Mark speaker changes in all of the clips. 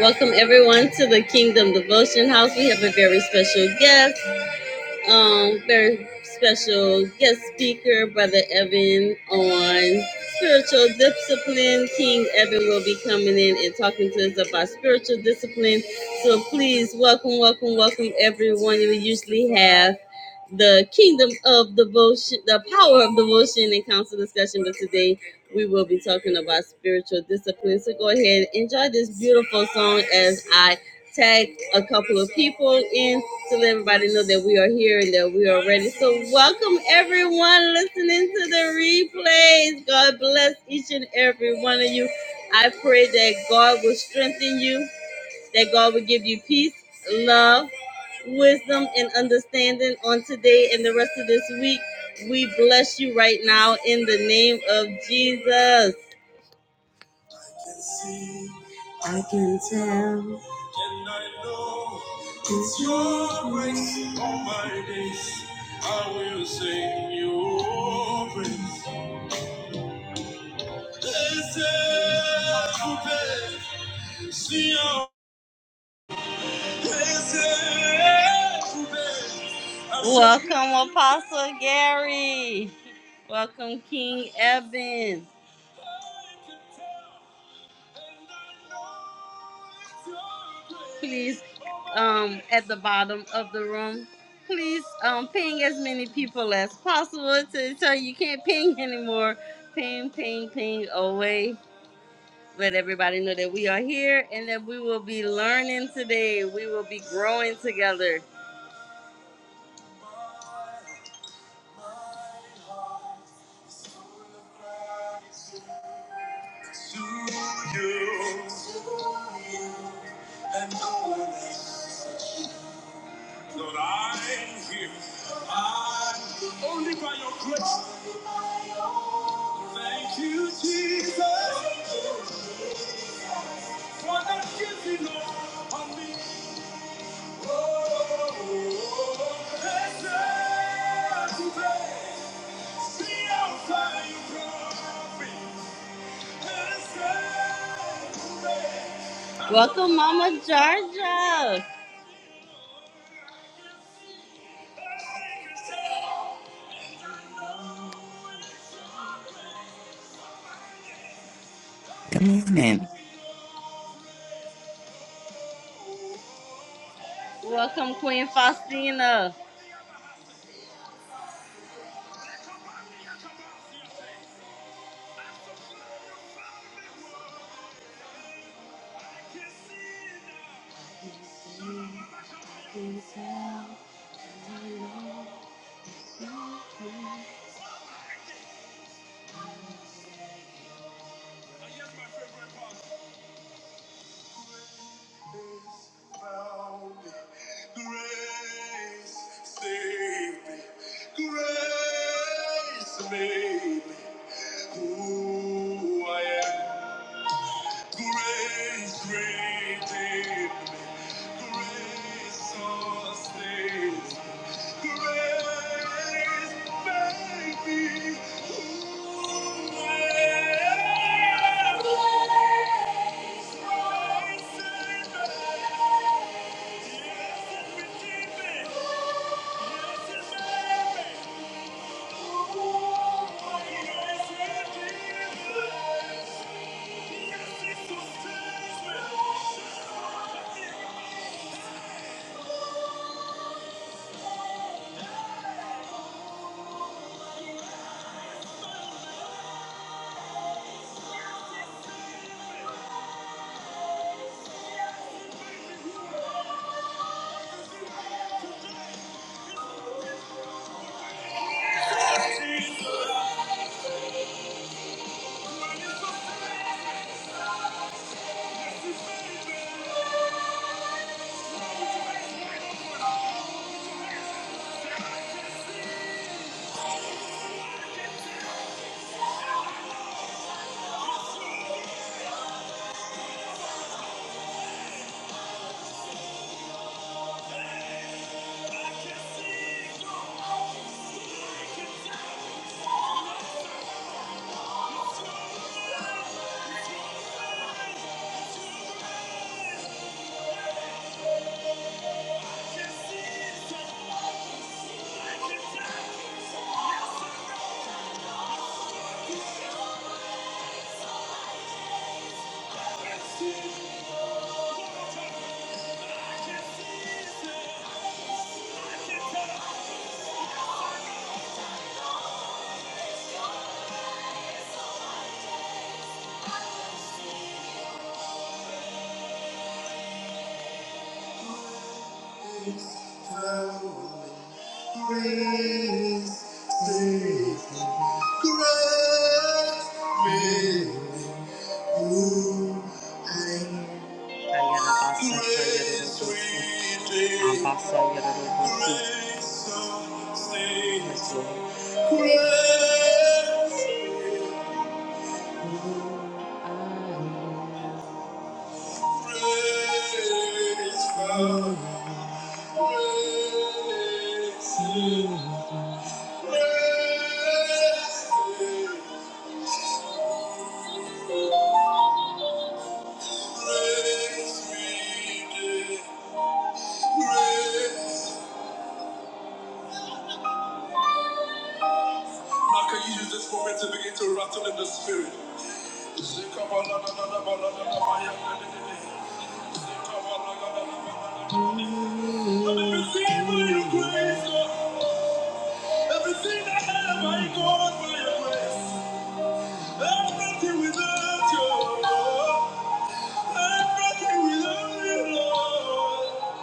Speaker 1: Welcome everyone to the Kingdom Devotion House. We have a very special guest um, very special guest speaker, Brother Evan, on spiritual discipline. King Evan will be coming in and talking to us about spiritual discipline. So please welcome, welcome, welcome everyone. We usually have the kingdom of devotion, the power of devotion and council discussion, but today we will be talking about spiritual discipline. So go ahead, enjoy this beautiful song as I tag a couple of people in to let everybody know that we are here and that we are ready. So, welcome everyone listening to the replays. God bless each and every one of you. I pray that God will strengthen you, that God will give you peace, love, wisdom, and understanding on today and the rest of this week. We bless you right now in the name of Jesus. And I know it's your grace all my days. I will sing your praise. Blessed Coupe, Sion. Blessed Coupe. Welcome, Apostle Gary. Welcome, King Evan. Please, um, at the bottom of the room, please um ping as many people as possible to tell you can't ping anymore. Ping, ping, ping away. Let everybody know that we are here and that we will be learning today. We will be growing together. To you. and always. Lord, I'm here. I'm only by your grace. Thank you, Jesus, for not giving up on me. Oh, blessed today, see how far you brought me. Blessed today. Welcome, Mama Georgia.
Speaker 2: Good morning.
Speaker 1: Welcome, Queen Faustina. And my favorite part. Grace found me. Grace saved me. Grace made me who I am. Grace redeemed me. Grace sustains me. Yes, Praise the great man who I am. Praise Redeemer, Grace, grace, Praise we give. Praise. Now can you use this moment to begin to rattle in the spirit? Everything by your grace, Lord. Everything I have, I got by your grace. Everything without you, Lord. Everything without you, Lord.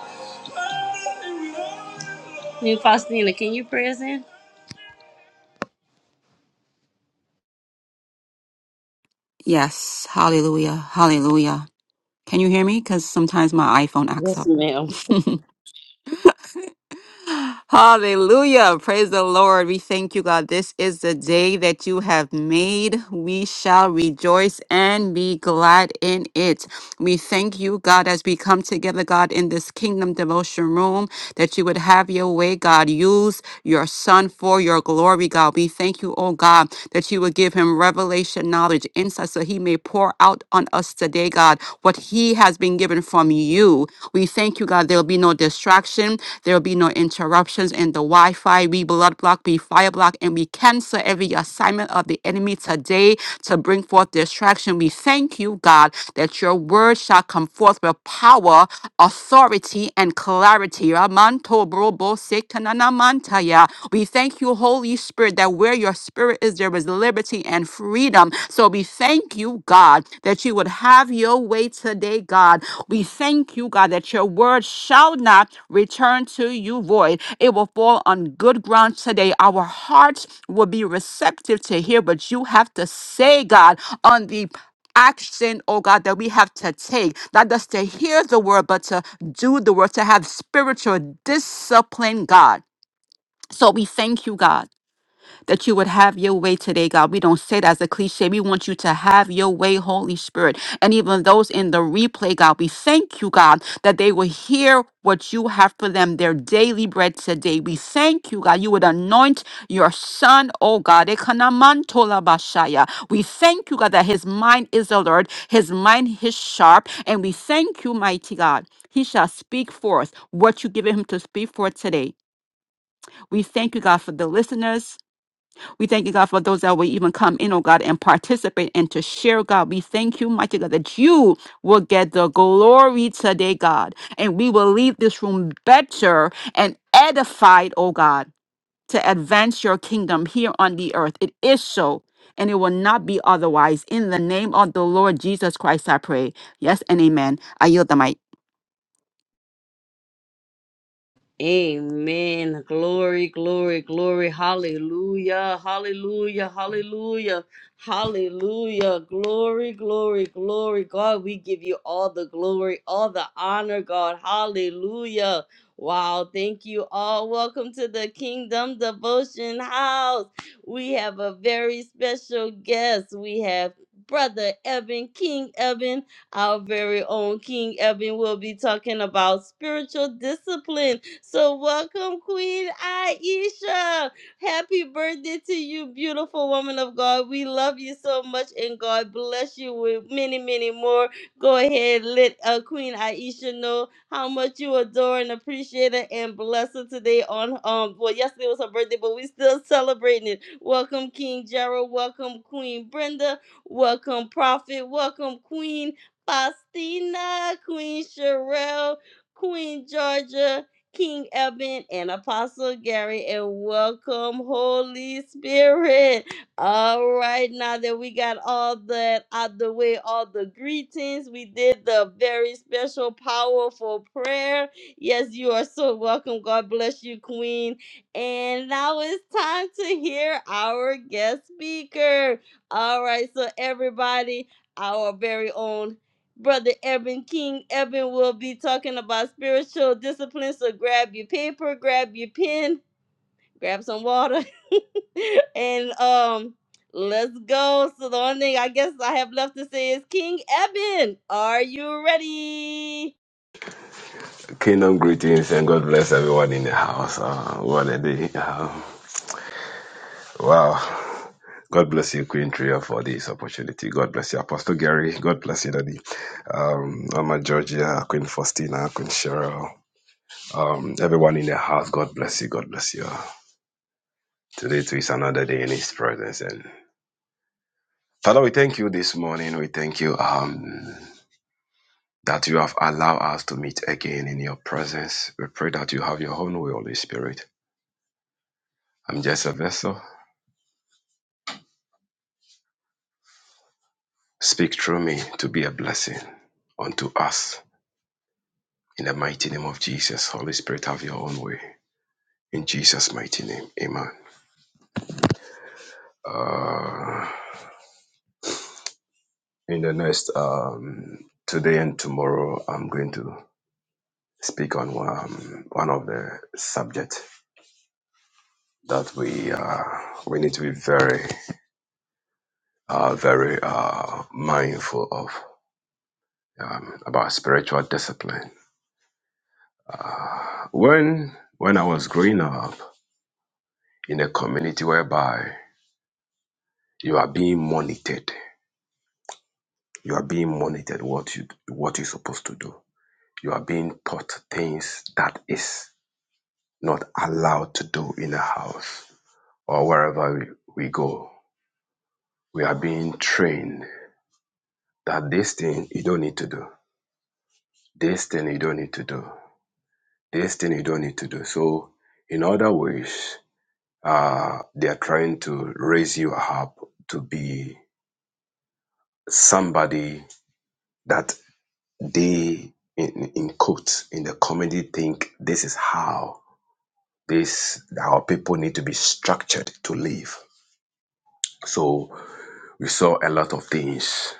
Speaker 1: Everything without you, Lord. Hey, Faustina, can you pray us in?
Speaker 3: Yes, hallelujah, hallelujah. Can you hear me? Because sometimes my iPhone acts
Speaker 1: Yes,
Speaker 3: up.
Speaker 1: ma'am.
Speaker 3: hallelujah, praise the Lord. We thank you, God. This is the day that you have made. We shall rejoice and be glad in it. We thank you, God, as we come together, God, in this kingdom devotion room, that you would have your way, God. Use your son for your glory, God. We thank you, oh God that you would give him revelation, knowledge, insight, so he may pour out on us today, God, what he has been given from you. We thank you, God. There will be no distraction, there will be no interruptions in the Wi Fi. We blood block, we fire block, and we cancel every assignment of the enemy today to bring forth distraction. We thank you, God, that your word shall come forth with power, authority, and clarity. Ramanto brobo sekanana mantaya. We thank you, Holy. Holy Spirit, that where your spirit is, there is liberty and freedom. So we thank you, God, that you would have your way today, God. We thank you, God, that your word shall not return to you void. It will fall on good ground today. Our hearts will be receptive to hear what you have to say, God, on the action, oh God, that we have to take, not just to hear the word, but to do the word, to have spiritual discipline, God. So we thank you, God that you would have your way today, God. We don't say that as a cliche. We want you to have your way, Holy Spirit. And even those in the replay, God, we thank you, God, that they will hear what you have for them, their daily bread today. We thank you, God. You would anoint your son, oh God. Ekanaman-tolabashaya. We thank you, God, that his mind is alert, his mind is sharp. And we thank you, mighty God. He shall speak forth what you give him to speak forth today. We thank you, God, for the listeners. We thank you, God, for those that will even come in, oh God, and participate and to share, God. We thank you, mighty God, that you will get the glory today, God. And we will leave this room better and edified, oh God, to advance your kingdom here on the earth. It is so. And it will not be otherwise. In the name of the Lord Jesus Christ, I pray. Yes and amen. I yield the mic.
Speaker 1: Amen. Glory, glory, glory. Hallelujah. Hallelujah. Hallelujah. Hallelujah. Glory, glory, glory. God, we give you all the glory, all the honor, God. Hallelujah. Wow. Thank you all. Welcome to the Kingdom Devotion House. We have a very special guest. We have Brother Evan, King Evan, our very own King Evan, will be talking about spiritual discipline so welcome, Queen Aisha. Happy birthday to you, beautiful woman of God. We love you so much, and God bless you with many, many more. Go ahead, let uh, Queen Aisha know how much you adore and appreciate her, and bless her today. On um, well, yesterday was her birthday, but we still celebrating it. Welcome, King Gerald. Welcome, Queen Brenda. Welcome, Prophet. Welcome, Queen Faustina. Queen Sherelle. Queen Georgia. King Evan and Apostle Gary, and welcome, Holy Spirit. All right, now that we got all that out the way, all the greetings, we did the very special, powerful prayer. Yes, you are so welcome. God bless you, Queen. And now it's time to hear our guest speaker. All right, so everybody, our very own Brother Evan King. Evan will be talking about spiritual discipline. So grab your paper, grab your pen, grab some water, and um, let's go. So the only thing I guess I have left to say is King Evan, are you ready?
Speaker 4: Kingdom greetings and God bless everyone in the house. Uh, what a day. Uh, wow. God bless you, Queen Tria, for this opportunity. God bless you, Apostle Gary. God bless you, Daddy. Um, Mama Georgia, Queen Faustina, Queen Cheryl. Um, everyone in the house, God bless you. God bless you. Today too is another day in His presence. And Father, we thank you this morning. We thank you. Um, that you have allowed us to meet again in your presence. We pray that you have your own way, Holy Spirit. I'm just a vessel. Speak through me to be a blessing unto us. In the mighty name of Jesus, Holy Spirit, have your own way. In Jesus' mighty name, amen. Uh, in the next, um, today and tomorrow, I'm going to speak on one, um, one of the subject that we uh, we need to be very, uh, very uh, mindful of um, about spiritual discipline. Uh, when when I was growing up in a community whereby You are being monitored. You are being monitored what you what you're supposed to do. You are being taught things that is not allowed to do in the house or wherever we, we go. We are being trained that this thing you don't need to do. This thing you don't need to do. This thing you don't need to do. So in other ways, uh, they are trying to raise you up to be somebody that they in, in quotes in the comedy think this is how this our people need to be structured to live so we saw a lot of things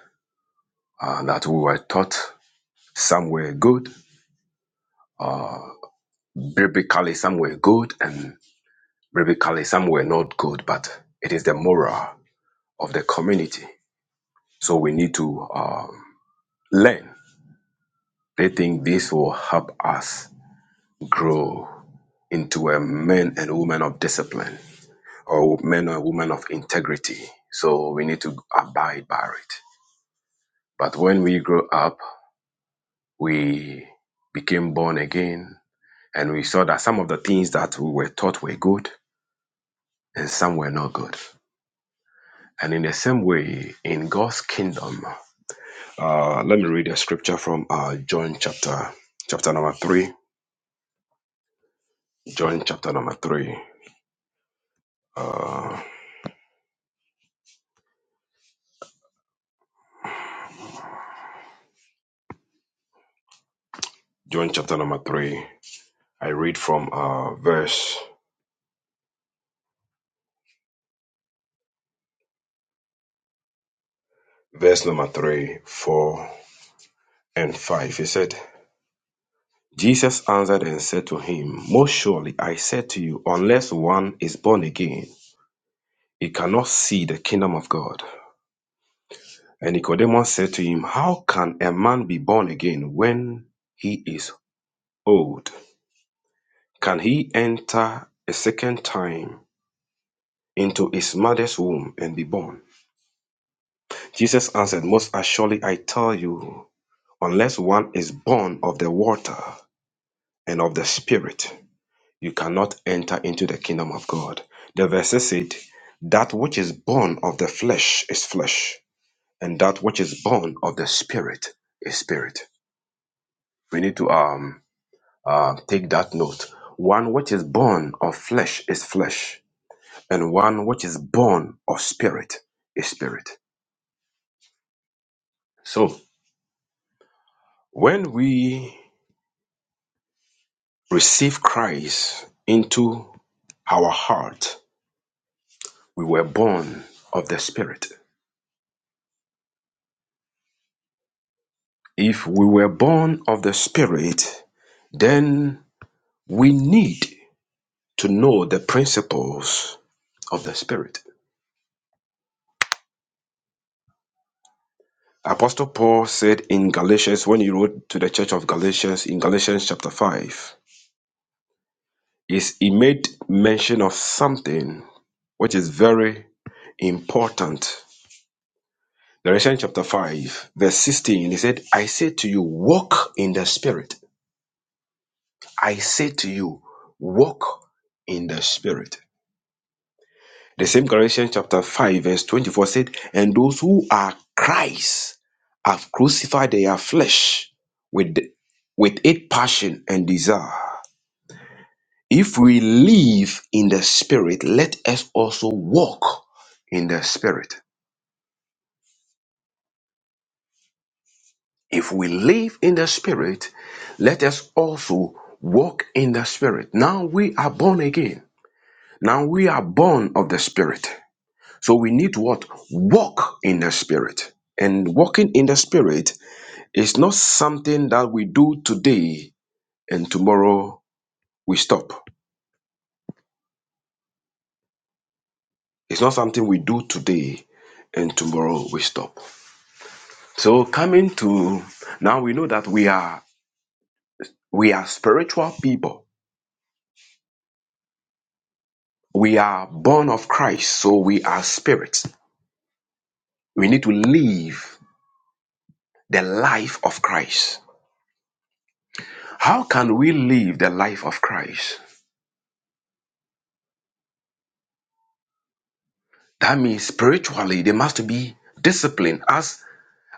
Speaker 4: uh, that we were taught some were good uh, biblically some were good and biblically some were not good but it is the moral of the community so we need to um, learn they think this will help us grow into a men and women of discipline or men or women of integrity. So we need to abide by it. But when we grew up, we became born again and we saw that some of the things that we were taught were good and some were not good. And in the same way, in God's kingdom, uh, let me read a scripture from uh, John chapter chapter number three. John chapter number three. Uh, John chapter number three. I read from uh, verse verse number three, four. and 5. He said, Jesus answered and said to him, Most surely I said to you, unless one is born again, he cannot see the kingdom of God. And Nicodemus said to him, How can a man be born again when he is old? Can he enter a second time into his mother's womb and be born? Jesus answered, Most assuredly I tell you, unless one is born of the water and of the Spirit, you cannot enter into the kingdom of God. The verse said, That which is born of the flesh is flesh, and that which is born of the spirit is spirit. We need to um uh, take that note. One which is born of flesh is flesh, and one which is born of spirit is spirit. So when we receive Christ into our heart, we were born of the spirit. If we were born of the Spirit, then we need to know the principles of the Spirit. Apostle Paul said in Galatians, when he wrote to the church of Galatians in Galatians chapter 5, is he made mention of something which is very important. Galatians chapter 5, verse 16, he said, I say to you, walk in the Spirit. I say to you, walk in the Spirit. The same Galatians chapter 5, verse 24 said, And those who are Christ have crucified their flesh with, with its passion and desire. If we live in the Spirit, let us also walk in the Spirit. If we live in the Spirit, let us also walk in the Spirit. Now we are born again. Now we are born of the Spirit. So we need to what? Walk in the Spirit. And walking in the Spirit It's not something that we do today and tomorrow we stop. It's not something we do today and tomorrow we stop. So coming to now we know that we are we are spiritual people. We are born of Christ, so we are spirits. We need to live the life of Christ. How can we live the life of Christ? That means spiritually there must be discipline as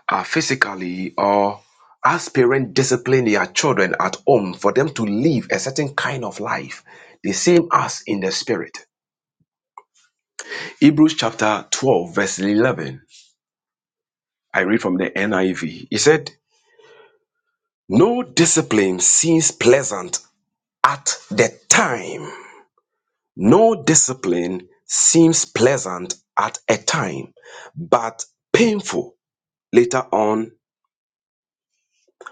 Speaker 4: uh, physically or as parents discipline their children at home for them to live a certain kind of life, the same as in the spirit. Hebrews chapter 12, verse 11. I read from the NIV. He said, No discipline seems pleasant at the time. No discipline seems pleasant at a time, but painful later on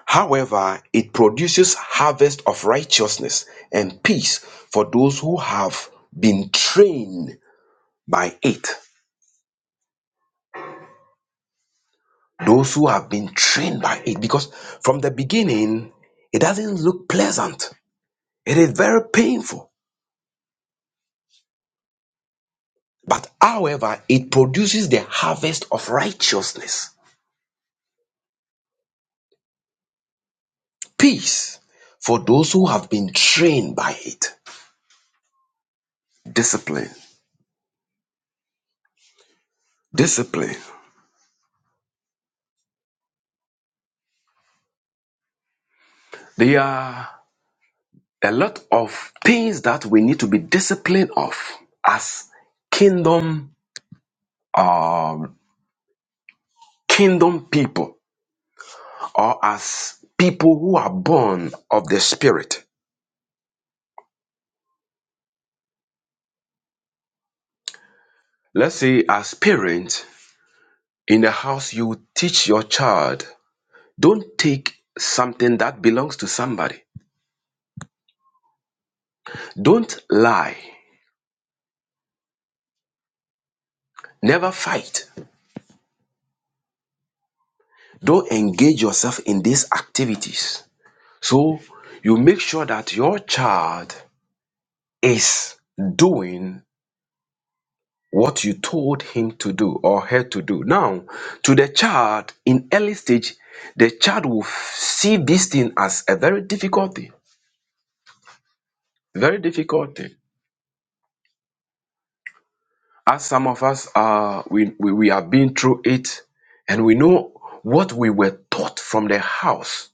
Speaker 4: However, it produces harvest of righteousness and peace for those who have been trained by it. Those who have been trained by it. Because from the beginning, it doesn't look pleasant. It is very painful. But however, it produces the harvest of righteousness, peace for those who have been trained by it. Discipline. Discipline. They are a lot of things that we need to be disciplined of as kingdom um, kingdom people or as people who are born of the spirit let's say as parents in the house you teach your child don't take something that belongs to somebody don't lie never fight don't engage yourself in these activities so you make sure that your child is doing what you told him to do or her to do. Now, to the child in early stage, the child will f- see this thing as a very difficult thing, very difficult thing. As some of us are, we, we, we have been through it and we know what we were taught from the house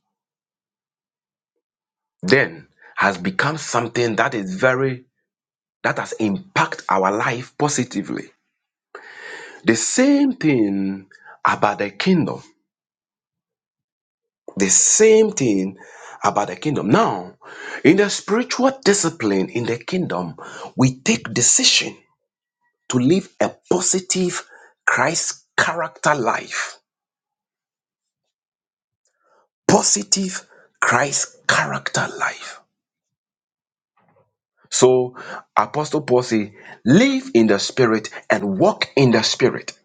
Speaker 4: then has become something that is very, that has impacted our life positively. The same thing about the kingdom The same thing about the kingdom. Now, in the spiritual discipline in the kingdom, we take decision to live a positive Christ character life. Positive Christ character life. So, Apostle Paul says, live in the spirit and walk in the spirit.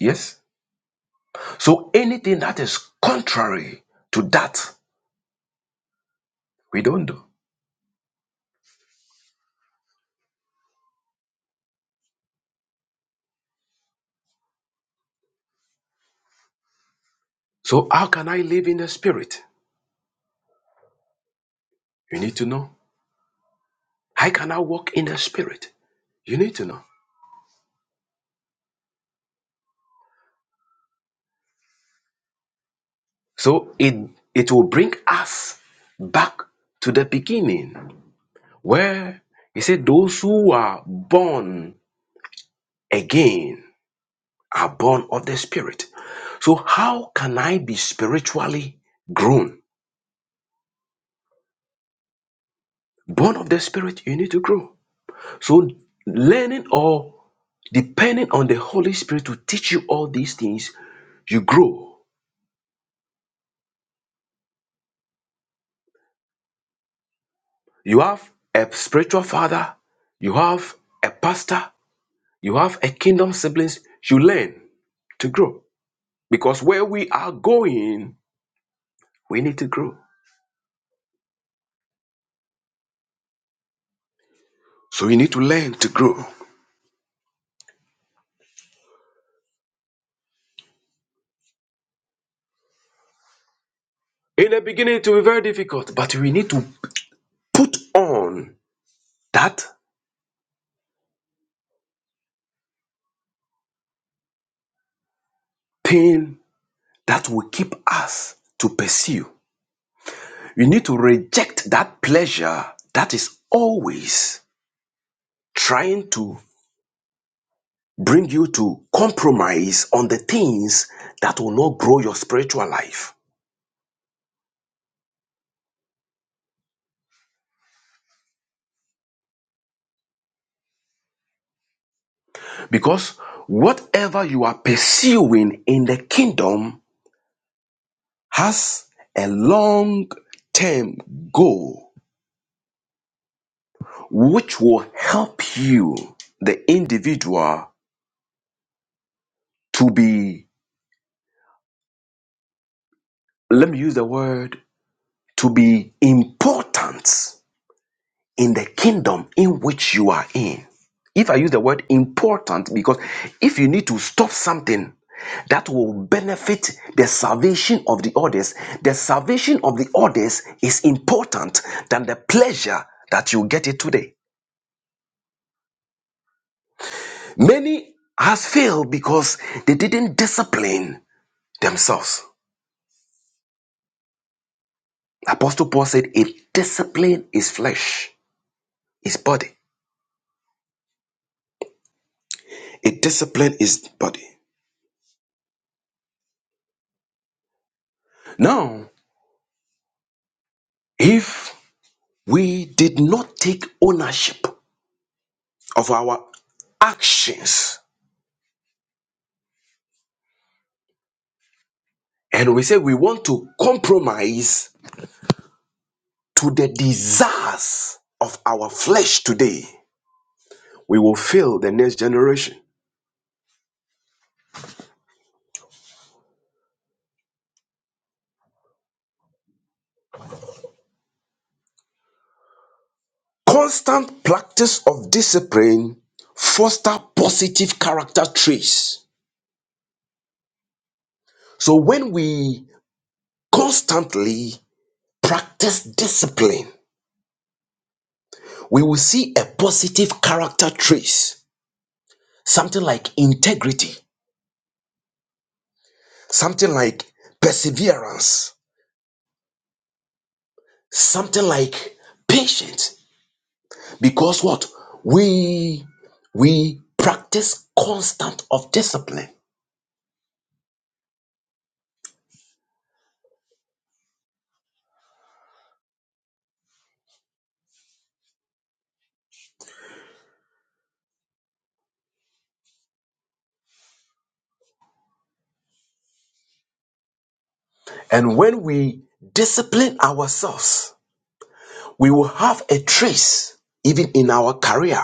Speaker 4: Yes? So, anything that is contrary to that, we don't do. So, how can I live in the spirit? You need to know. I cannot walk in the spirit. You need to know. So it it will bring us back to the beginning where he said those who are born again are born of the spirit. So how can I be spiritually grown? Born of the spirit, you need to grow. So learning or depending on the Holy Spirit to teach you all these things, you grow. You have a spiritual father, you have a pastor, You have a kingdom siblings, you learn to grow. Because where we are going, we need to grow. So you need to learn to grow. In the beginning, it will be very difficult, but we need to put on that pain that will keep us to pursue. We need to reject that pleasure that is always trying to bring you to compromise on the things that will not grow your spiritual life. Because whatever you are pursuing in the kingdom has a long term goal, which will help you, the individual, to be, let me use the word, to be important in the kingdom in which you are in. If I use the word important, because if you need to stop something that will benefit the salvation of the others, the salvation of the others is important than the pleasure that you get it today. Many has failed because they didn't discipline themselves. Apostle Paul said, "A discipline is flesh, is body. A discipline is body." Now, if We did not take ownership of our actions. And we say we want to compromise to the desires of our flesh today. We will fail the next generation. Constant practice of discipline foster positive character traits. So when we constantly practice discipline, we will see a positive character trace, something like integrity, something like perseverance, something like patience. Because what? We we practice constant of discipline. And when we discipline ourselves, we will have a trace even in our career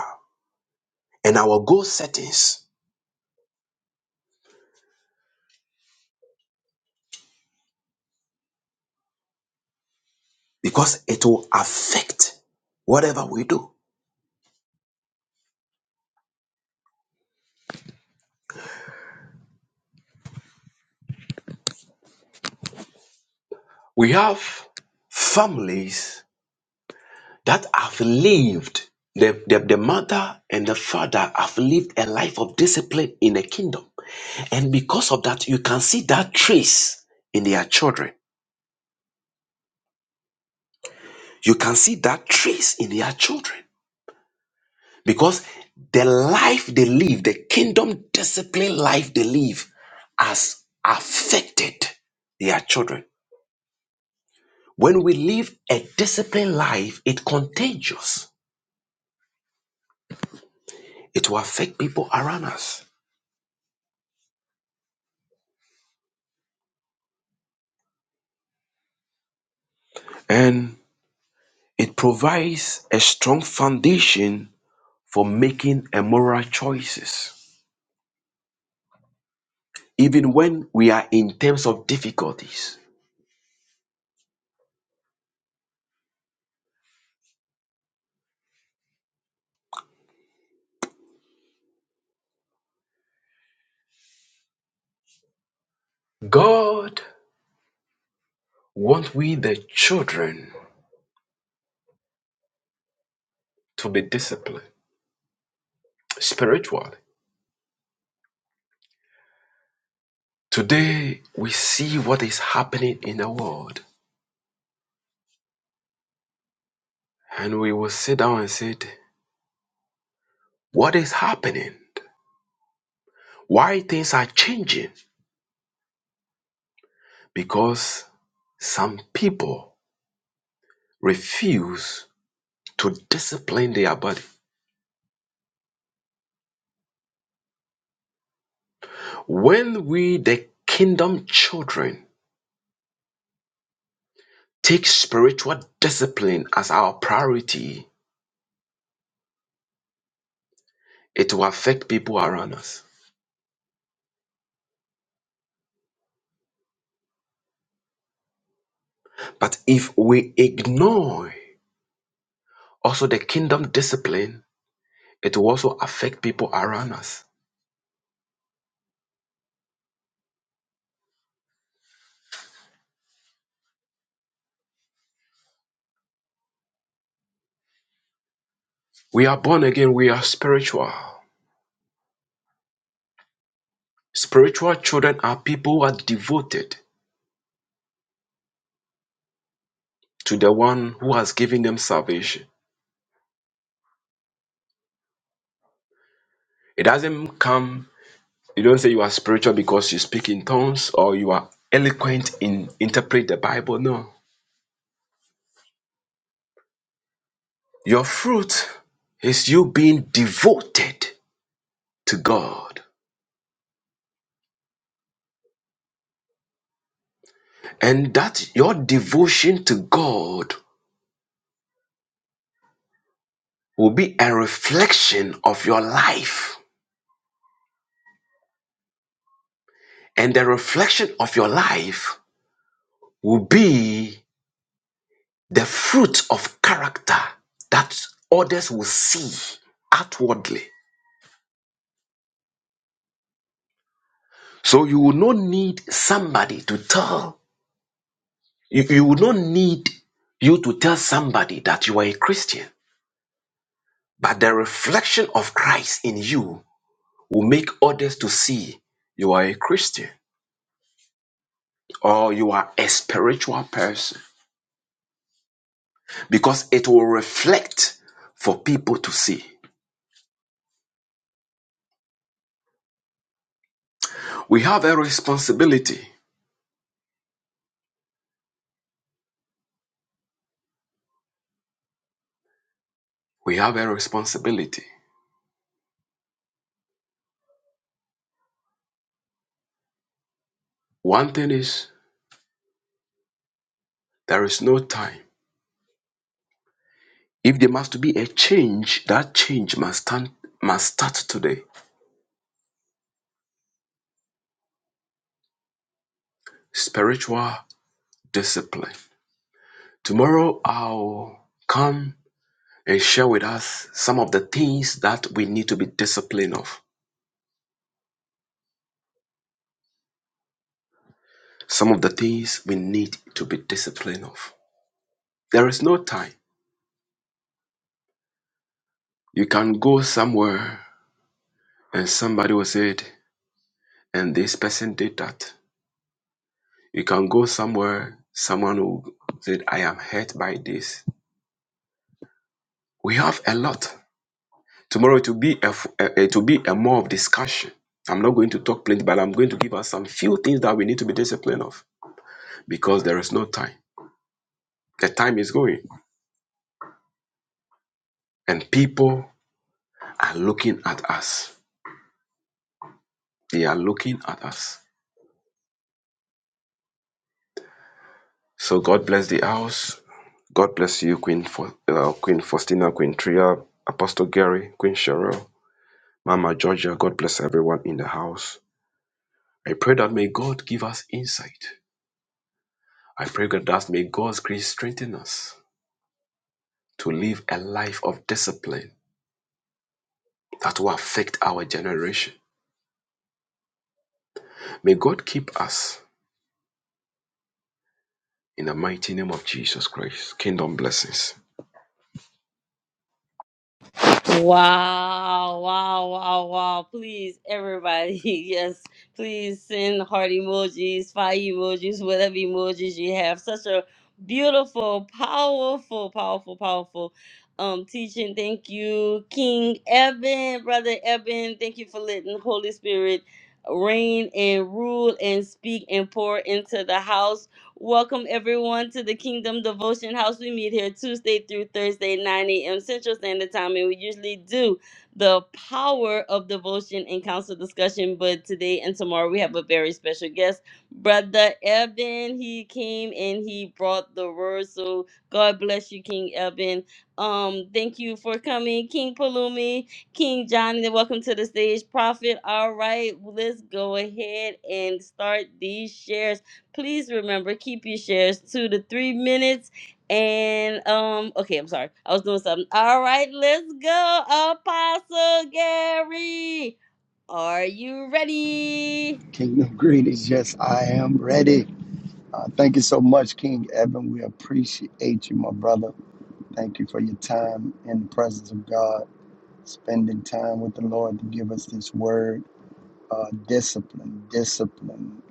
Speaker 4: and our goal settings because it will affect whatever we do. We have families that have lived the, the, the mother and the father have lived a life of discipline in the kingdom and because of that you can see that trace in their children you can see that trace in their children because the life they live the kingdom discipline life they live has affected their children when we live a disciplined life it contagious it will affect people around us And It provides a strong foundation for making a moral choices, even when we are in terms of difficulties. God wants we, the children, to be disciplined spiritually. Today, we see what is happening in the world, and we will sit down and say, What is happening? Why things are changing? Because some people refuse to discipline their body. When we, the kingdom children, take spiritual discipline as our priority, it will affect people around us. But if we ignore also the kingdom discipline, it will also affect people around us. We are born again, we are spiritual. Spiritual children are people who are devoted to the one who has given them salvation. It doesn't come, you don't say you are spiritual because you speak in tongues or you are eloquent in interpret the Bible. No. Your fruit is you being devoted to God. And that your devotion to God will be a reflection of your life. And the reflection of your life will be the fruit of character that others will see outwardly. So you will not need somebody to tell, you, you will not need you to tell somebody that you are a Christian. But the reflection of Christ in you will make others to see you are a Christian or you are a spiritual person because it will reflect for people to see. We have a responsibility. We have a responsibility. One thing is there is no time. If there must be a change, that change must stand must start today. Spiritual discipline. Tomorrow I'll come and share with us some of the things that we need to be disciplined of. Some of the things we need to be disciplined of. There is no time. You can go somewhere and somebody will say, it, and this person did that. You can go somewhere, someone will say, I am hurt by this. We have a lot. Tomorrow it will be a it will be a more of discussion. I'm not going to talk plenty, but I'm going to give us some few things that we need to be disciplined of because there is no time. The time is going, and people are looking at us. They are looking at us. So God bless the house. God bless you, Queen Fa- uh, Queen Faustina, Queen Tria, Apostle Gary, Queen Cheryl, Mama Georgia. God bless everyone in the house. I pray that may God give us insight. I pray God that may God's grace strengthen us to live a life of discipline that will affect our generation. May God keep us in the mighty name of Jesus Christ. Kingdom blessings.
Speaker 1: Wow, wow, wow, wow. Please, everybody, yes, please send heart emojis, fire emojis, whatever emojis you have. Such a beautiful, powerful, powerful, powerful um teaching. Thank you, King Eben, Brother Eben. Thank you for letting Holy Spirit reign and rule and speak and pour into the house. Welcome everyone to the Kingdom Devotion House. We meet here Tuesday through Thursday, 9 a.m. Central Standard Time, and we usually do the power of devotion and council discussion. But today and tomorrow we have a very special guest, Brother Evan. He came and he brought the word. So God bless you, King Evan. Um, thank you for coming, King Palumi, King Johnny. Welcome to the stage, Prophet. All right, let's go ahead and start these shares please remember keep your shares two to three minutes and um okay i'm sorry i was doing something all right let's go apostle gary are you ready
Speaker 5: Kingdom greetings. Yes, I am ready. Uh, thank you so much, King Evan. We appreciate you, my brother. Thank you for your time in the presence of God, spending time with the Lord to give us this word. Uh, discipline, discipline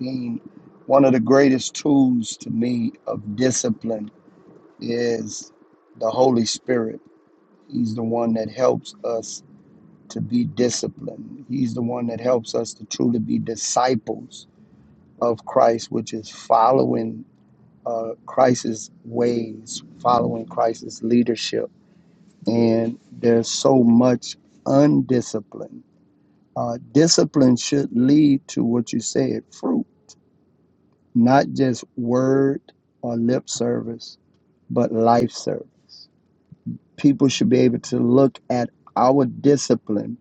Speaker 5: being one of the greatest tools to me of discipline is the Holy Spirit. He's the one that helps us to be disciplined, He's the one that helps us to truly be disciples of Christ, which is following uh, Christ's ways, following Christ's leadership. And there's so much undiscipline. Uh, discipline should lead to what you said fruit, not just word or lip service, but life service. People should be able to look at our discipline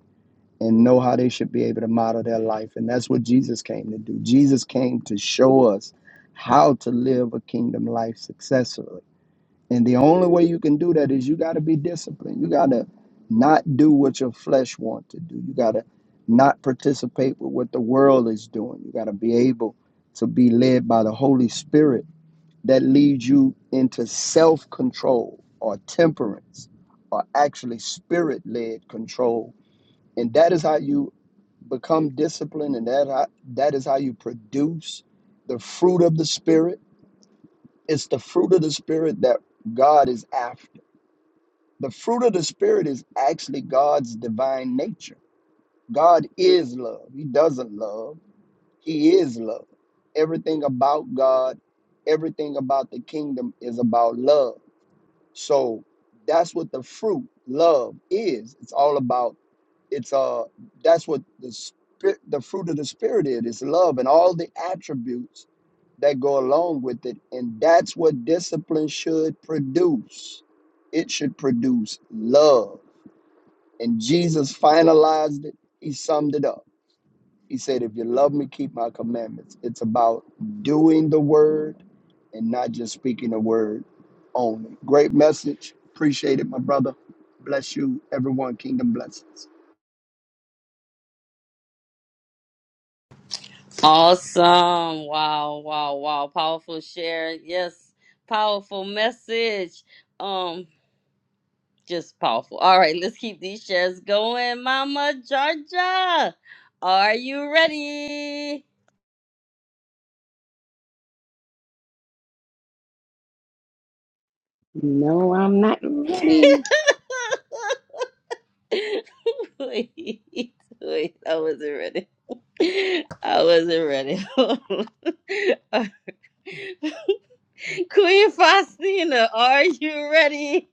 Speaker 5: and know how they should be able to model their life. And that's what Jesus came to do. Jesus came to show us how to live a kingdom life successfully. And the only way you can do that is you got to be disciplined. You got to not do what your flesh wants to do. You got to not participate with what the world is doing. You got to be able to be led by the Holy Spirit that leads you into self-control or temperance or actually spirit-led control and that is how you become disciplined and that how, that is how you produce the fruit of the spirit it's the fruit of the spirit that god is after the fruit of the spirit is actually god's divine nature god is love he doesn't love he is love everything about god everything about the kingdom is about love so that's what the fruit love is it's all about it's uh that's what the spirit the fruit of the spirit is it's love and all the attributes that go along with it and that's what discipline should produce it should produce love and jesus finalized it he summed it up he said if you love me keep my commandments it's about doing the word and not just speaking the word only great message appreciate it my brother bless you everyone kingdom blessings
Speaker 1: awesome wow wow wow powerful share yes powerful message um just powerful all right let's keep these shares going mama georgia are you ready
Speaker 2: No, I'm not ready.
Speaker 1: Wait, wait, I wasn't ready. I wasn't ready. Queen Faustina, are you ready?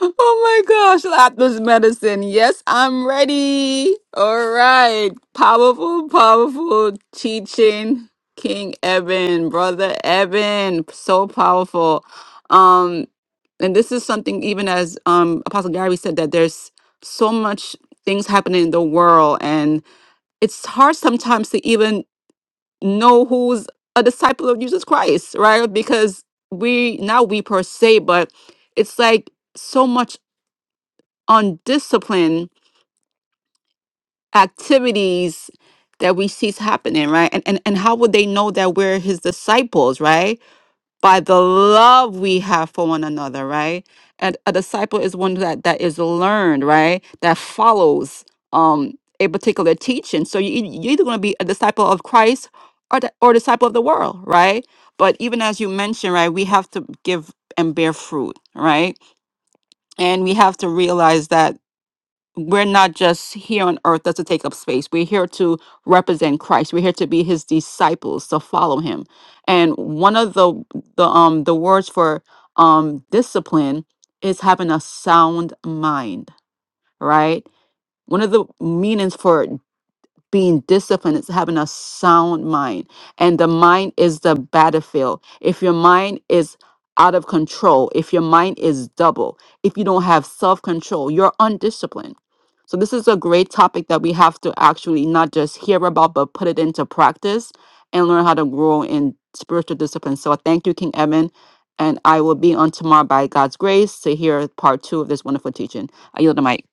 Speaker 3: Oh my gosh, Lapis medicine. Yes, I'm ready. All right. Powerful, powerful teaching. King Eben, brother Eben, so powerful. Um, and this is something even as um Apostle Gary said that there's so much things happening in the world, and it's hard sometimes to even know who's a disciple of Jesus Christ, right? Because we not we per se, but it's like so much undisciplined activities that we see happening, right? And, and and how would they know that we're his disciples, right? By the love we have for one another, right? And a disciple is one that that is learned, right? That follows um a particular teaching. So you you're either going to be a disciple of Christ or the, or disciple of the world, right? But even as you mentioned, right, we have to give and bear fruit, right? And we have to realize that we're not just here on earth just to take up space. We're here to represent Christ. We're here to be his disciples, to follow him. And one of the the um the words for um discipline is having a sound mind, right? One of the meanings for being disciplined is having a sound mind and the mind is the battlefield if your mind is out of control if your mind is double if you don't have self-control you're undisciplined so this is a great topic that we have to actually not just hear about but put it into practice and learn how to grow in spiritual discipline so I thank you king evan and i will be on tomorrow by god's grace to hear part two of this wonderful teaching i yield the mic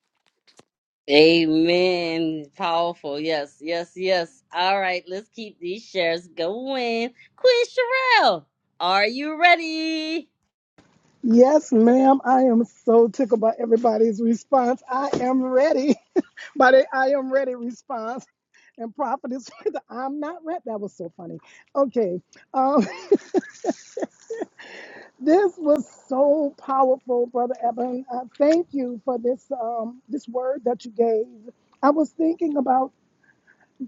Speaker 1: Amen. Powerful. Yes, yes, yes. All right, let's keep these shares going. Queen Sherelle, are you ready?
Speaker 6: Yes, ma'am. I am so tickled by everybody's response. I am ready. by the I am ready response. And prophetess, with the I'm not ready. That was so funny. Okay. Um, this was so powerful, Brother Evan. Uh, thank you for this um, this word that you gave. I was thinking about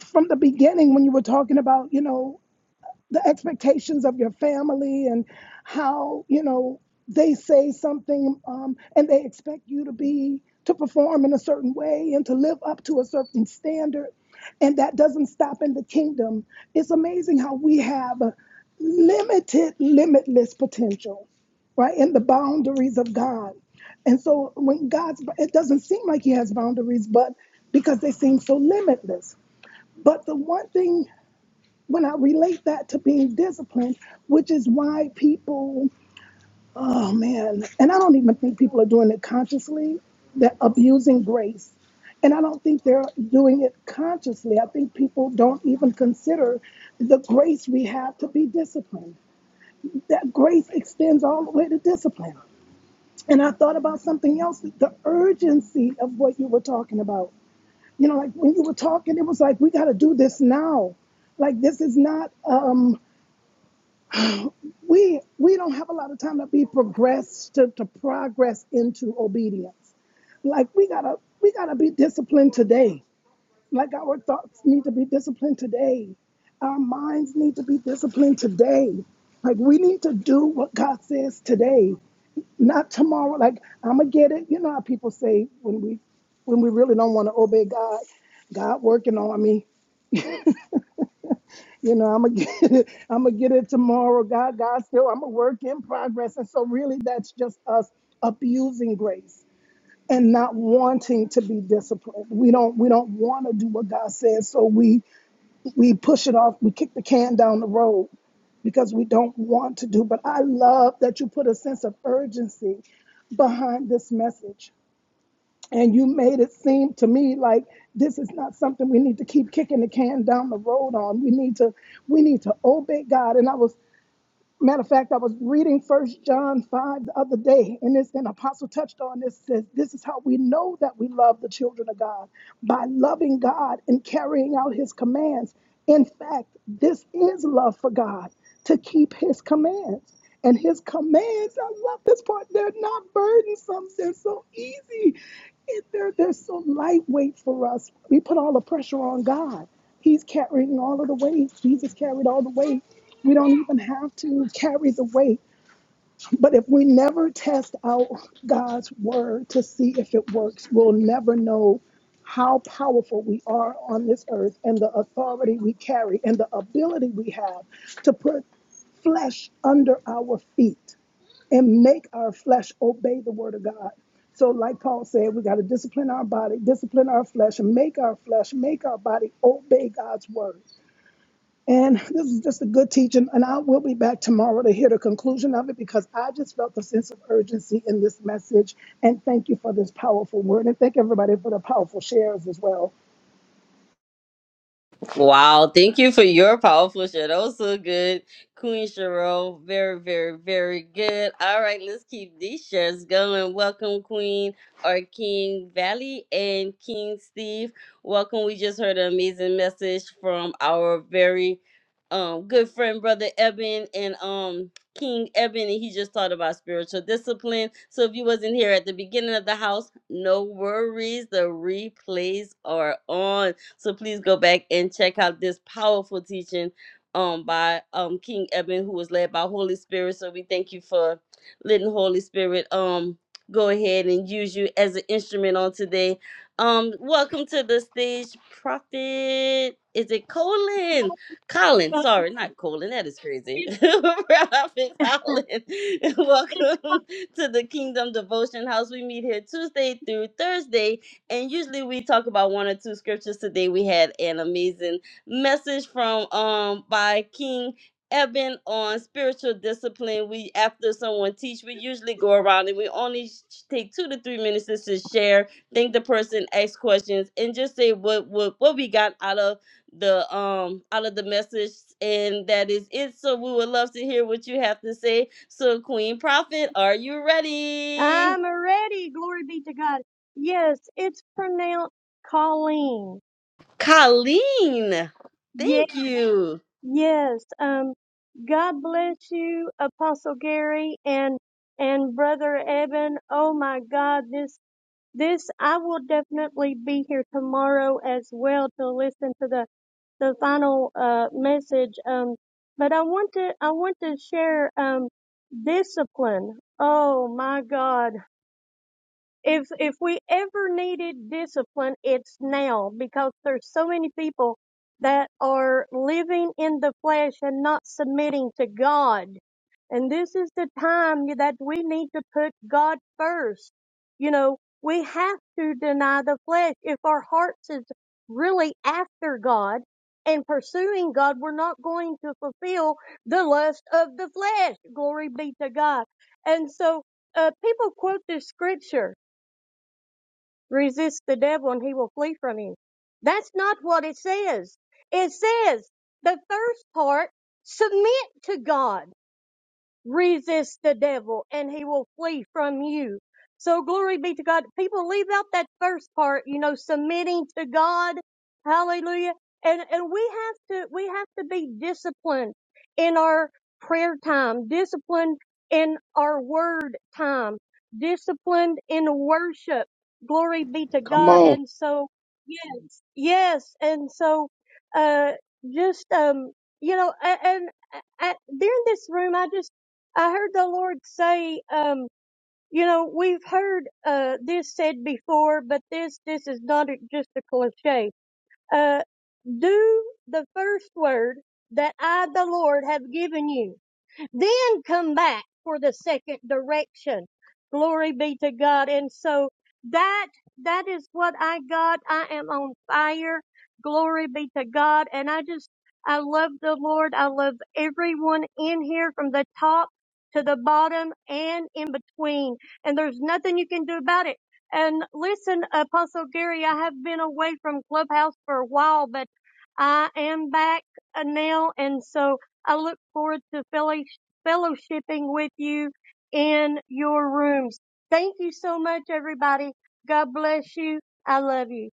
Speaker 6: from the beginning when you were talking about, you know, the expectations of your family and how you know they say something um, and they expect you to be to perform in a certain way and to live up to a certain standard and that doesn't stop in the kingdom it's amazing how we have a limited limitless potential right in the boundaries of god and so when god's it doesn't seem like he has boundaries but because they seem so limitless but the one thing when I relate that to being disciplined, which is why people, oh man, and I don't even think people are doing it consciously, they're abusing grace. And I don't think they're doing it consciously. I think people don't even consider the grace we have to be disciplined. That grace extends all the way to discipline. And I thought about something else the urgency of what you were talking about. You know, like when you were talking, it was like, we got to do this now. Like, this is not. Um, we we don't have a lot of time to be progressed to, to progress into obedience like we gotta we gotta be disciplined today like our thoughts need to be disciplined today our minds need to be disciplined today like we need to do what god says today not tomorrow like i'm gonna get it you know how people say when we when we really don't want to obey god god working on me you know, I'm gonna get it. I'm gonna get it tomorrow. God, God, still, I'm a work in progress. And so, really, that's just us abusing grace and not wanting to be disciplined. We don't, we don't want to do what God says, so we we push it off. We kick the can down the road because we don't want to do. But I love that you put a sense of urgency behind this message and you made it seem to me like this is not something we need to keep kicking the can down the road on we need to we need to obey god and i was Matter of fact, I was reading First John 5 the other day, and this and Apostle touched on this. Says this is how we know that we love the children of God by loving God and carrying out His commands. In fact, this is love for God to keep His commands. And his commands, I love this part. They're not burdensome. They're so easy. It- They're, they're so lightweight for us. We put all the pressure on God. He's carrying all of the weight. Jesus carried all the weight. We don't even have to carry the weight. But if we never test out God's word to see if it works, we'll never know how powerful we are on this earth and the authority we carry and the ability we have to put flesh under our feet and make our flesh obey the word of God. So, like Paul said, we got to discipline our body, discipline our flesh, and make our flesh, make our body obey God's word. And this is just a good teaching. And I will be back tomorrow to hear the conclusion of it because I just felt a sense of urgency in this message. And thank you for this powerful word. And thank everybody for the powerful shares as well.
Speaker 1: Wow, thank you for your powerful share. That was so good. Queen Cheryl, very, very, very good. All right, let's keep these shares going. Welcome, Queen or King Valley and King Steve. Welcome. We just heard an amazing message from our very um good friend brother Eben and um King Eben and he just taught about spiritual discipline. So if you wasn't here at the beginning of the house, no worries. The replays are on. So please go back and check out this powerful teaching um by um King Eben who was led by Holy Spirit. So we thank you for letting Holy Spirit um go ahead and use you as an instrument on today. Um welcome to the stage prophet. Is it Colin? Colin,
Speaker 7: But
Speaker 1: sorry, not Colin. That is crazy.
Speaker 7: It's,
Speaker 1: prophet Colin.
Speaker 7: it's,
Speaker 1: welcome to the Kingdom Devotion House. We meet here Tuesday through Thursday and usually we talk about one or two scriptures. Today we had an amazing message from um by King Eben on spiritual discipline. We after someone teach, we usually go around and we only sh- take two to three minutes just to share, thank the person, ask questions, and just say what what what we got out of the um out of the message and that is it so we would love to hear what you have to say so queen prophet are you ready
Speaker 7: I'm ready. Glory be to God. Yes, it's pronounced Colleen.
Speaker 1: Colleen,
Speaker 7: Yes,
Speaker 1: thank you.
Speaker 7: yes. Um, God bless you, Apostle Gary and, and Brother Evan. Oh my God, this, this, I will definitely be here tomorrow as well to listen to the, the final, uh, message. Um, but I want to, I want to share, um, discipline. Oh my God. if if we ever needed discipline it's now because there's so many people that are living in the flesh and not submitting to god and this is the time that we need to put god first you know we have to deny the flesh if our hearts is really after god and pursuing god we're not going to fulfill the lust of the flesh glory be to god and so uh, people quote this scripture Resist the devil and he will flee from you. That's not what it says. It says the first part, submit to God resist the devil and he will flee from you. So glory be to God. People leave out that first part, you know, submitting to God. Hallelujah. And, and we have to, we have to be disciplined in our prayer time, disciplined in our word time, disciplined in worship. Glory be to
Speaker 5: come
Speaker 7: God.
Speaker 5: on
Speaker 7: And so, yes, yes. And so, uh, just, um, you know, a- and, I, during this room, I just I heard the Lord say, um, you know, we've heard uh, this said before, but this this is not a- just a cliche. Uh, do the first word that I, the Lord, have given you then come back for the second direction. Glory be to God. And so that, that is what I got. I am on fire. Glory be to God. And I just, I love the Lord. I love everyone in here from the top to the bottom and in between. And there's nothing you can do about it. And listen, Apostle Gary, I have been away from Clubhouse for a while, but I am back uh, now. And so I look forward to Philly fellowshipping with you in your rooms. Thank you so much, everybody. God bless you. I love you.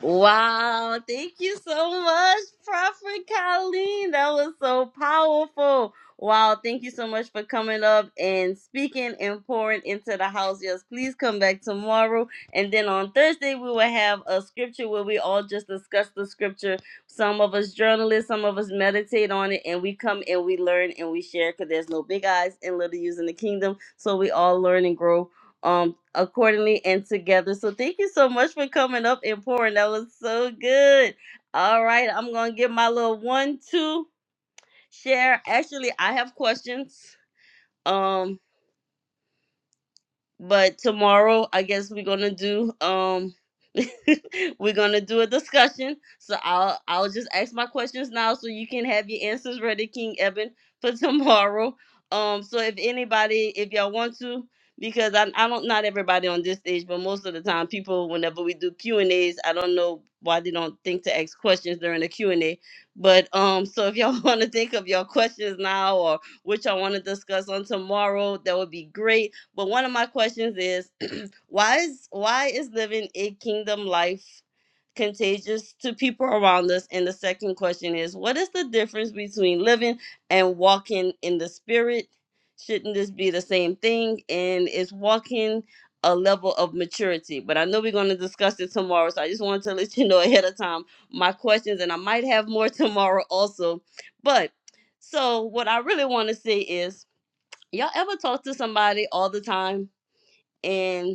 Speaker 1: Wow, thank you so much, Prophet Colleen. That was so powerful. Wow, thank you so much for coming up and speaking and pouring into the house. Yes, please come back tomorrow. And then on Thursday, we will have a scripture where we all just discuss the scripture. Some of us journalists, some of us meditate on it, and we come and we learn and we share because there's no big eyes and little U's in the kingdom. So we all learn and grow um accordingly and together. So thank you so much for coming up and pouring. That was so good. All right, I'm gonna get my little one two share. Actually, I have questions. Um but tomorrow i guess we're gonna do um we're gonna do a discussion so i'll i'll just ask my questions now so you can have your answers ready king evan for tomorrow um so if anybody if y'all want to because I, I don't not everybody on this stage but most of the time people whenever we do q and a's i don't know why they don't think to ask questions during the q and a but um so if y'all want to think of your questions now or which I want to discuss on tomorrow that would be great but one of my questions is why is why is living a kingdom life contagious to people around us? And the second question is what is the difference between living and walking in the spirit? Shouldn't this be the same thing? And is walking a level of maturity? But I know we're going to discuss it tomorrow, so I just wanted to let you know ahead of time my questions, and I might have more tomorrow also. But so what I really want to say is Y'all ever talk to somebody all the time and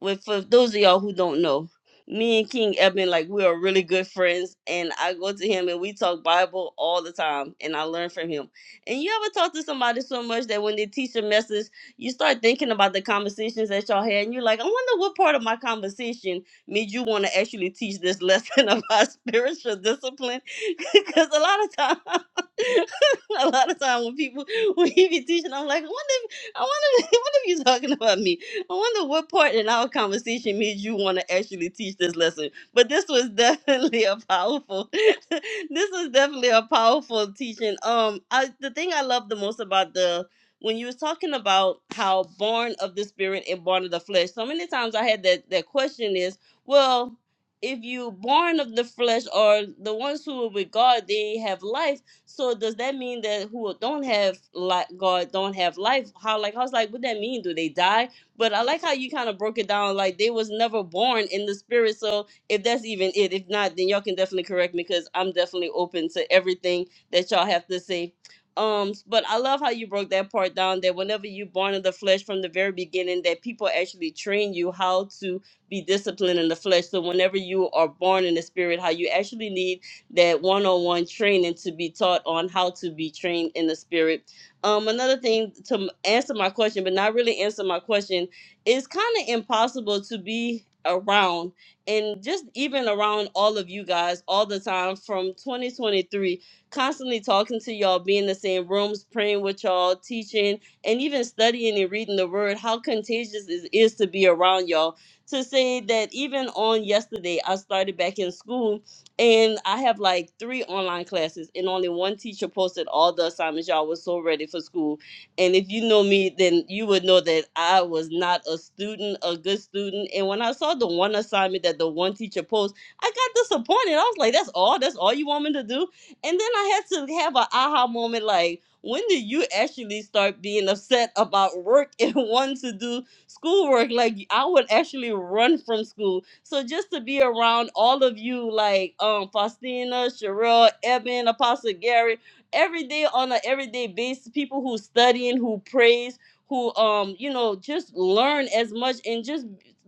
Speaker 1: with for those of y'all who don't know, me and King Eben, like we are really good friends, and I go to him and we talk Bible all the time, and I learn from him. And you ever talk to somebody so much that when they teach a message, you start thinking about the conversations that y'all had, and you're like, I wonder what part of my conversation made you want to actually teach this lesson about spiritual discipline? Because a lot of time, a lot of time when people when he be teaching, I'm like, I wonder, if, I wonder, what if you talking about me? I wonder what part in our conversation made you want to actually teach this lesson. But this was definitely a powerful. this was definitely a powerful teaching. Um, I the thing I love the most about the when you was talking about how born of the spirit and born of the flesh. So many times I had that that question is well. If you born of the flesh or the ones who are with God, they have life. So does that mean that who don't have like God don't have life? How like I was like, what that mean? Do they die? But I like how you kind of broke it down like they was never born in the spirit. So if that's even it, if not, then y'all can definitely correct me because I'm definitely open to everything that y'all have to say. Um, but I love how you broke that part down that whenever you born in the flesh from the very beginning, that people actually train you how to be disciplined in the flesh. So whenever you are born in the spirit, how you actually need that one-on-one training to be taught on how to be trained in the spirit um, another thing to answer my question, but not really answer my question, it's kind of impossible to be around and just even around all of you guys all the time from 2023, constantly talking to y'all, being in the same rooms, praying with y'all, teaching, and even studying and reading the word. How contagious it is to be around y'all. To say that even on yesterday, I started back in school and I have like three online classes, and only one teacher posted all the assignments. Y'all was so ready for school. And if you know me, then you would know that I was not a student, a good student. And when I saw the one assignment that the one teacher posted, I got disappointed. I was like, that's all? That's all you want me to do? And then I had to have an aha moment like, when did you actually start being upset about work and wanting to do? schoolwork. Like I would actually run from school. So just to be around all of you, like um Faustina, Sherelle, Eben, Apostle Gary, every day on an everyday basis, people who studying, who praise, who um, you know, just learn as much and just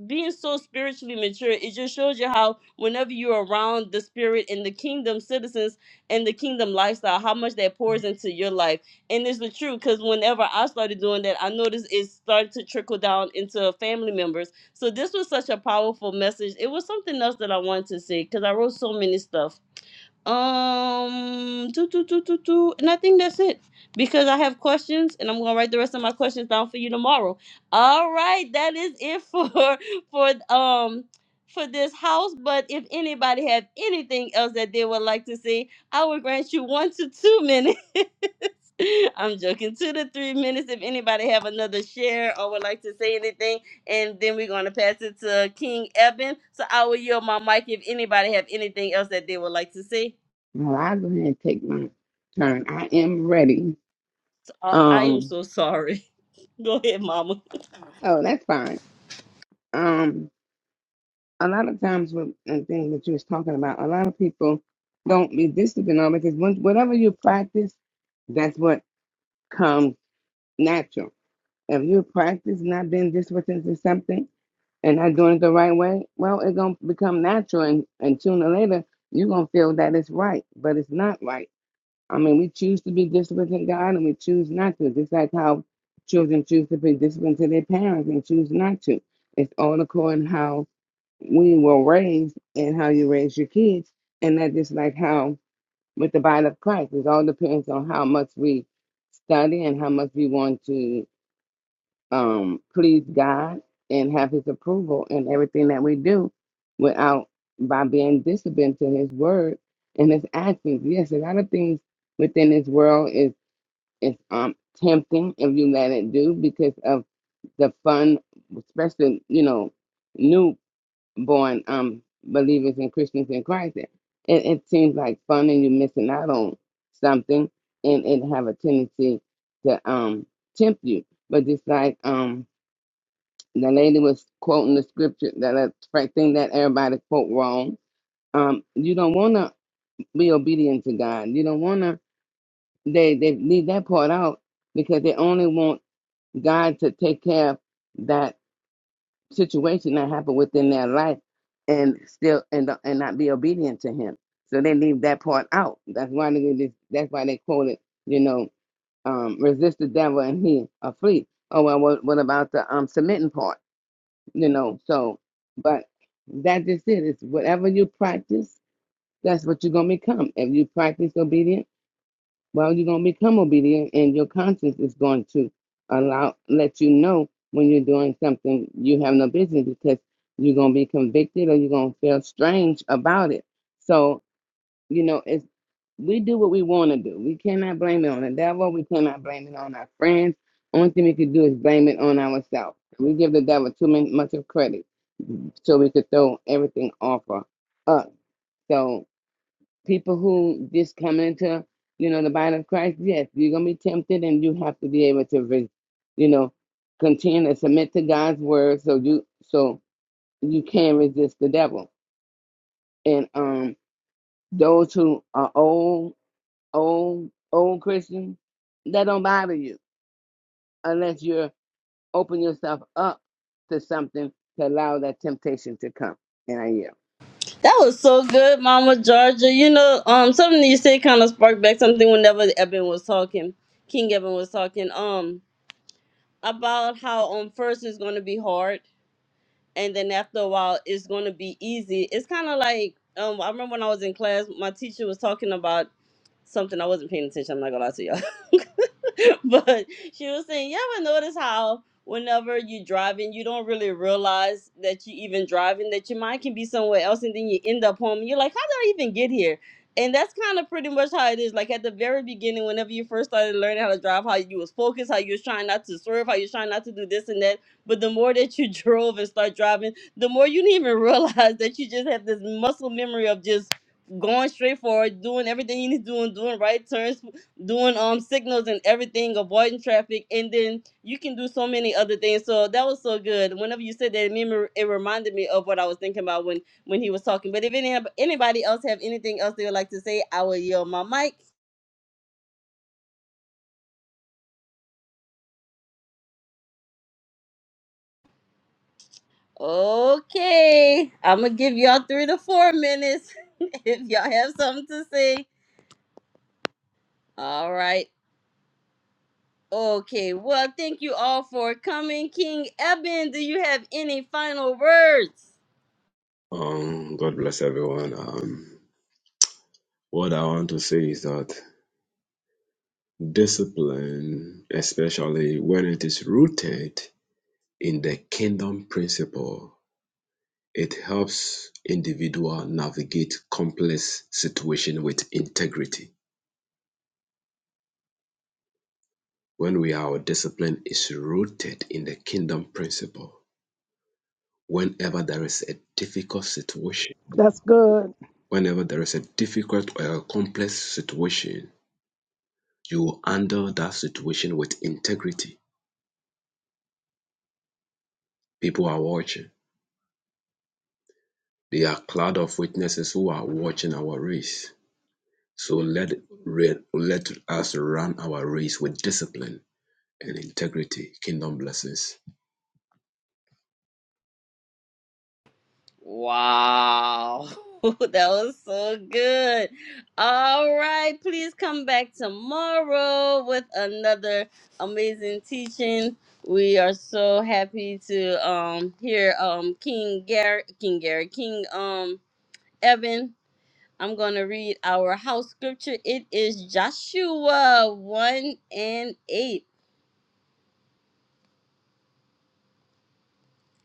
Speaker 1: being so spiritually mature, it just shows you how whenever you're around the spirit and the kingdom citizens and the kingdom lifestyle, how much that pours into your life and it's the truth because whenever I started doing that, I noticed it started to trickle down into family members. So this was such a powerful message. It was something else that I wanted to say because I wrote so many stuff um, do, do, do, do, do. And I think that's it because I have questions and I'm going to write the rest of my questions down for you tomorrow. All right, that is it for for um for this house, but if anybody have anything else that they would like to say, I will grant you 1 to 2 minutes. I'm joking. 2 to 3 minutes if anybody have another share or would like to say anything and then we're going to pass it to King Eben. So I will yield my mic if anybody have anything else that they would like to say.
Speaker 2: Well, I'll go ahead and take my turn. I am ready.
Speaker 1: Uh, I am
Speaker 2: Um,
Speaker 1: so sorry. Go ahead, Mama.
Speaker 2: oh, that's fine. Um, a lot of times with the thing that you was talking about, a lot of people don't be disciplined on because when, whatever you practice, that's what comes natural. If you practice not being disciplined to something and not doing it the right way, well, it's gonna become natural, and, and sooner or later you're gonna feel that it's right, but it's not right I mean, we choose to be disciplined to God and we choose not to. Just like how children choose to be disciplined to their parents and choose not to. It's all according to how we were raised and how you raise your kids. And that just like how with the body of Christ, it all depends on how much we study and how much we want to um, please God and have His approval in everything that we do, without by being disobedient to His word and His actions. Yes, a lot of things within this world is is um tempting if you let it do because of the fun, especially you know newborn um believers and Christians in Christ. It, it seems like fun and you're missing out on something, and it have a tendency to um tempt you. But just like um the lady was quoting the scripture that a thing that everybody quote wrong. Um, you don't want to be obedient to God. You don't want to. They they leave that part out because they only want God to take care of that situation that happened within their life and still and and not be obedient to Him. So they leave that part out. That's why they just, that's why they quote it. You know, um, resist the devil and he a flee. Oh well, what, what about the um submitting part? you know. So, but that is it. It's whatever you practice, that's what you're gonna become. If you practice obedience, well, you're gonna become obedient, and your conscience is going to allow let you know when you're doing something you have no business because you're gonna be convicted or you're gonna feel strange about it. So, you know, it's we do what we want to do. We cannot blame it on the devil. We cannot blame it on our friends. Only thing we could do is blame it on ourselves. We give the devil too much of credit so we could throw everything off of us. So people who just come into, you know, the body of Christ, yes, you're gonna be tempted and you have to be able to re- you know, continue to submit to God's word so you so you can resist the devil. And um those who are old, old, old Christians, that don't bother you unless you're open yourself up to something to allow that temptation to come. And I yield.
Speaker 1: That was so good, Mama Georgia. You know, um, something you said kind of sparked back something whenever Eben was talking, King Eben was talking, um, about how um first is going to be hard and then after a while it's going to be easy it's kind of like um i remember when i was in class my teacher was talking about something i wasn't paying attention i'm not gonna lie to y'all but she was saying you ever notice how whenever you're driving you don't really realize that you even driving that your mind can be somewhere else and then you end up home and you're like how did i even get here and that's kind of pretty much how it is like at the very beginning whenever you first started learning how to drive how you was focused how you was trying not to swerve how you was trying not to do this and that but the more that you drove and start driving, the more you didn't even realize that you just have this muscle memory of just going straight forward, doing everything you need to do, and doing right turns, doing um signals and everything, avoiding traffic, and then you can do so many other things. So that was so good. Whenever you said that, it, made me- it reminded me of what I was thinking about when when he was talking. But if any, anybody else have anything else they would like to say, I will yield my mic. Okay, I'm gonna give y'all three to four minutes if y'all have something to say. All right. Okay. Well, thank you all for coming. King Eben, do you have any final words?
Speaker 4: Um, God bless everyone. Um, what I want to say is that discipline, especially when it is rooted in the kingdom principle, it helps individual navigate complex situation with integrity. When we our discipline is rooted in the kingdom principle, whenever there is a difficult situation,
Speaker 6: That's good.
Speaker 4: whenever there is a difficult or a complex situation, you will handle that situation with integrity. People are watching. They are a cloud of witnesses who are watching our race So let, re- let us run our race with discipline and integrity. Kingdom blessings.
Speaker 1: Wow. that was so good. All right. Please come back tomorrow with another amazing teaching. We are so happy to um hear um King Gary King Gary King um Evan I'm going to read our house scripture. It is Joshua 1 and 8.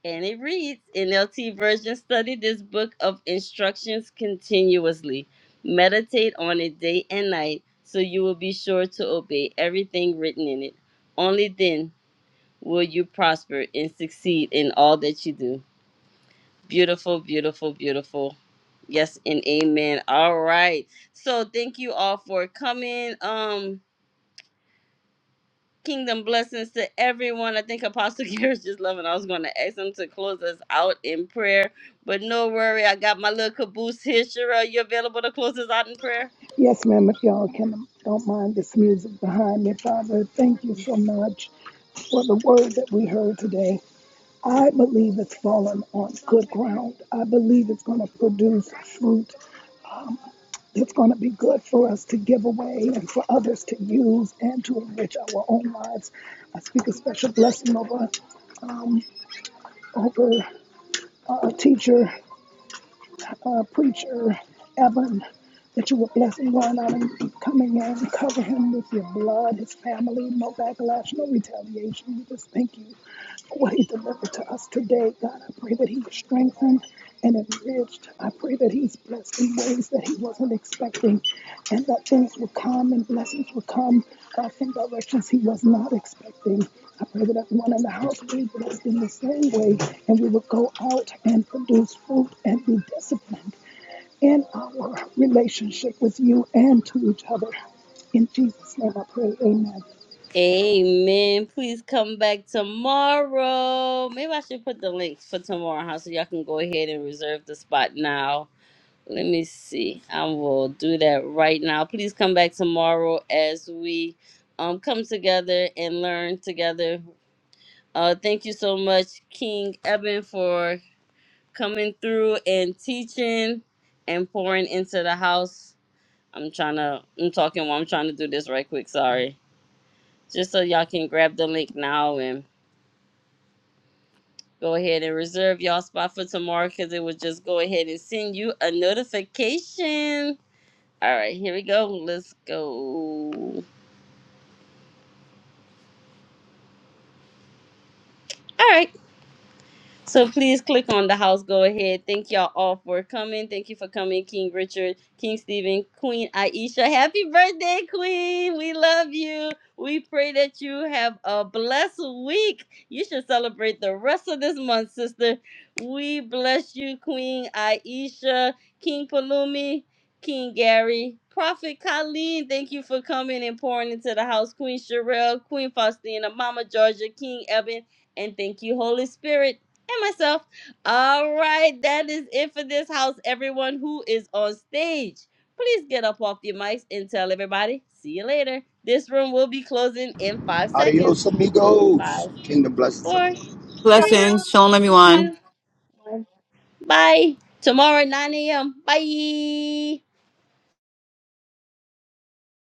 Speaker 1: And it reads NLT version study this book of instructions continuously. Meditate on it day and night so you will be sure to obey everything written in it. Only then will you prosper and succeed in all that you do. Beautiful, beautiful, beautiful. Yes and amen. All right. So thank you all for coming. Um Kingdom blessings to everyone. I think Apostle Gary's just loving. I was going to ask him to close us out in prayer, but no worry. I got my little caboose here. Shira, you available to close us out in prayer?
Speaker 6: Yes, ma'am, if y'all can, don't mind this music behind me, Father. Thank you so much for the word that we heard today. I believe it's fallen on good ground. I believe it's going to produce fruit It's going to be good for us to give away and for others to use and to enrich our own lives. I speak a special blessing over, over uh, teacher, uh, preacher, Evan, that you will bless him going out and coming in, cover him with your blood, his family, no backlash, no retaliation. We just thank you what he delivered to us today. God, I pray that he is strengthened and enriched. I pray that he's blessed in ways that he wasn't expecting and that things will come and blessings will come uh, from directions he was not expecting. I pray that everyone in the house will be blessed in the same way and we will go out and produce fruit and be disciplined in our relationship with you and to each other. In Jesus' name I pray, amen.
Speaker 1: Amen. Please come back tomorrow. Maybe I should put the link for tomorrow, huh? So y'all can go ahead and reserve the spot now. Let me see. I will do that right now. Please come back tomorrow as we um come together and learn together Uh, thank you so much, King Eben, for coming through and teaching and pouring into the house. I'm trying to, I'm talking while I'm trying to do this right quick. Sorry. Just so y'all can grab the link now and go ahead and reserve y'all spot for tomorrow because it will just go ahead and send you a notification. All right, here we go. Let's go. All right. So please click on the house. Go ahead. Thank y'all all for coming. Thank you for coming, King Richard, King Stephen, Queen Aisha. Happy birthday, Queen. We love you. We pray that you have a blessed week. You should celebrate the rest of this month, sister. We bless you, Queen Aisha, King Palumi, King Gary, Prophet Colleen. Thank you for coming and pouring into the house, Queen Sherelle, Queen Faustina, Mama Georgia, King Evan, and thank you, Holy Spirit and myself. All right, that is it for this house. Everyone who is on stage, please get up off your mics and tell everybody. See you later. This room will be closing in five
Speaker 5: Adios,
Speaker 1: seconds.
Speaker 5: amigos.
Speaker 1: Five,
Speaker 5: Kingdom blessings, everyone.
Speaker 1: four, three,
Speaker 7: Shalom.
Speaker 3: blessings shalom everyone
Speaker 1: two, one. Bye. Tomorrow, 9 a.m. Bye.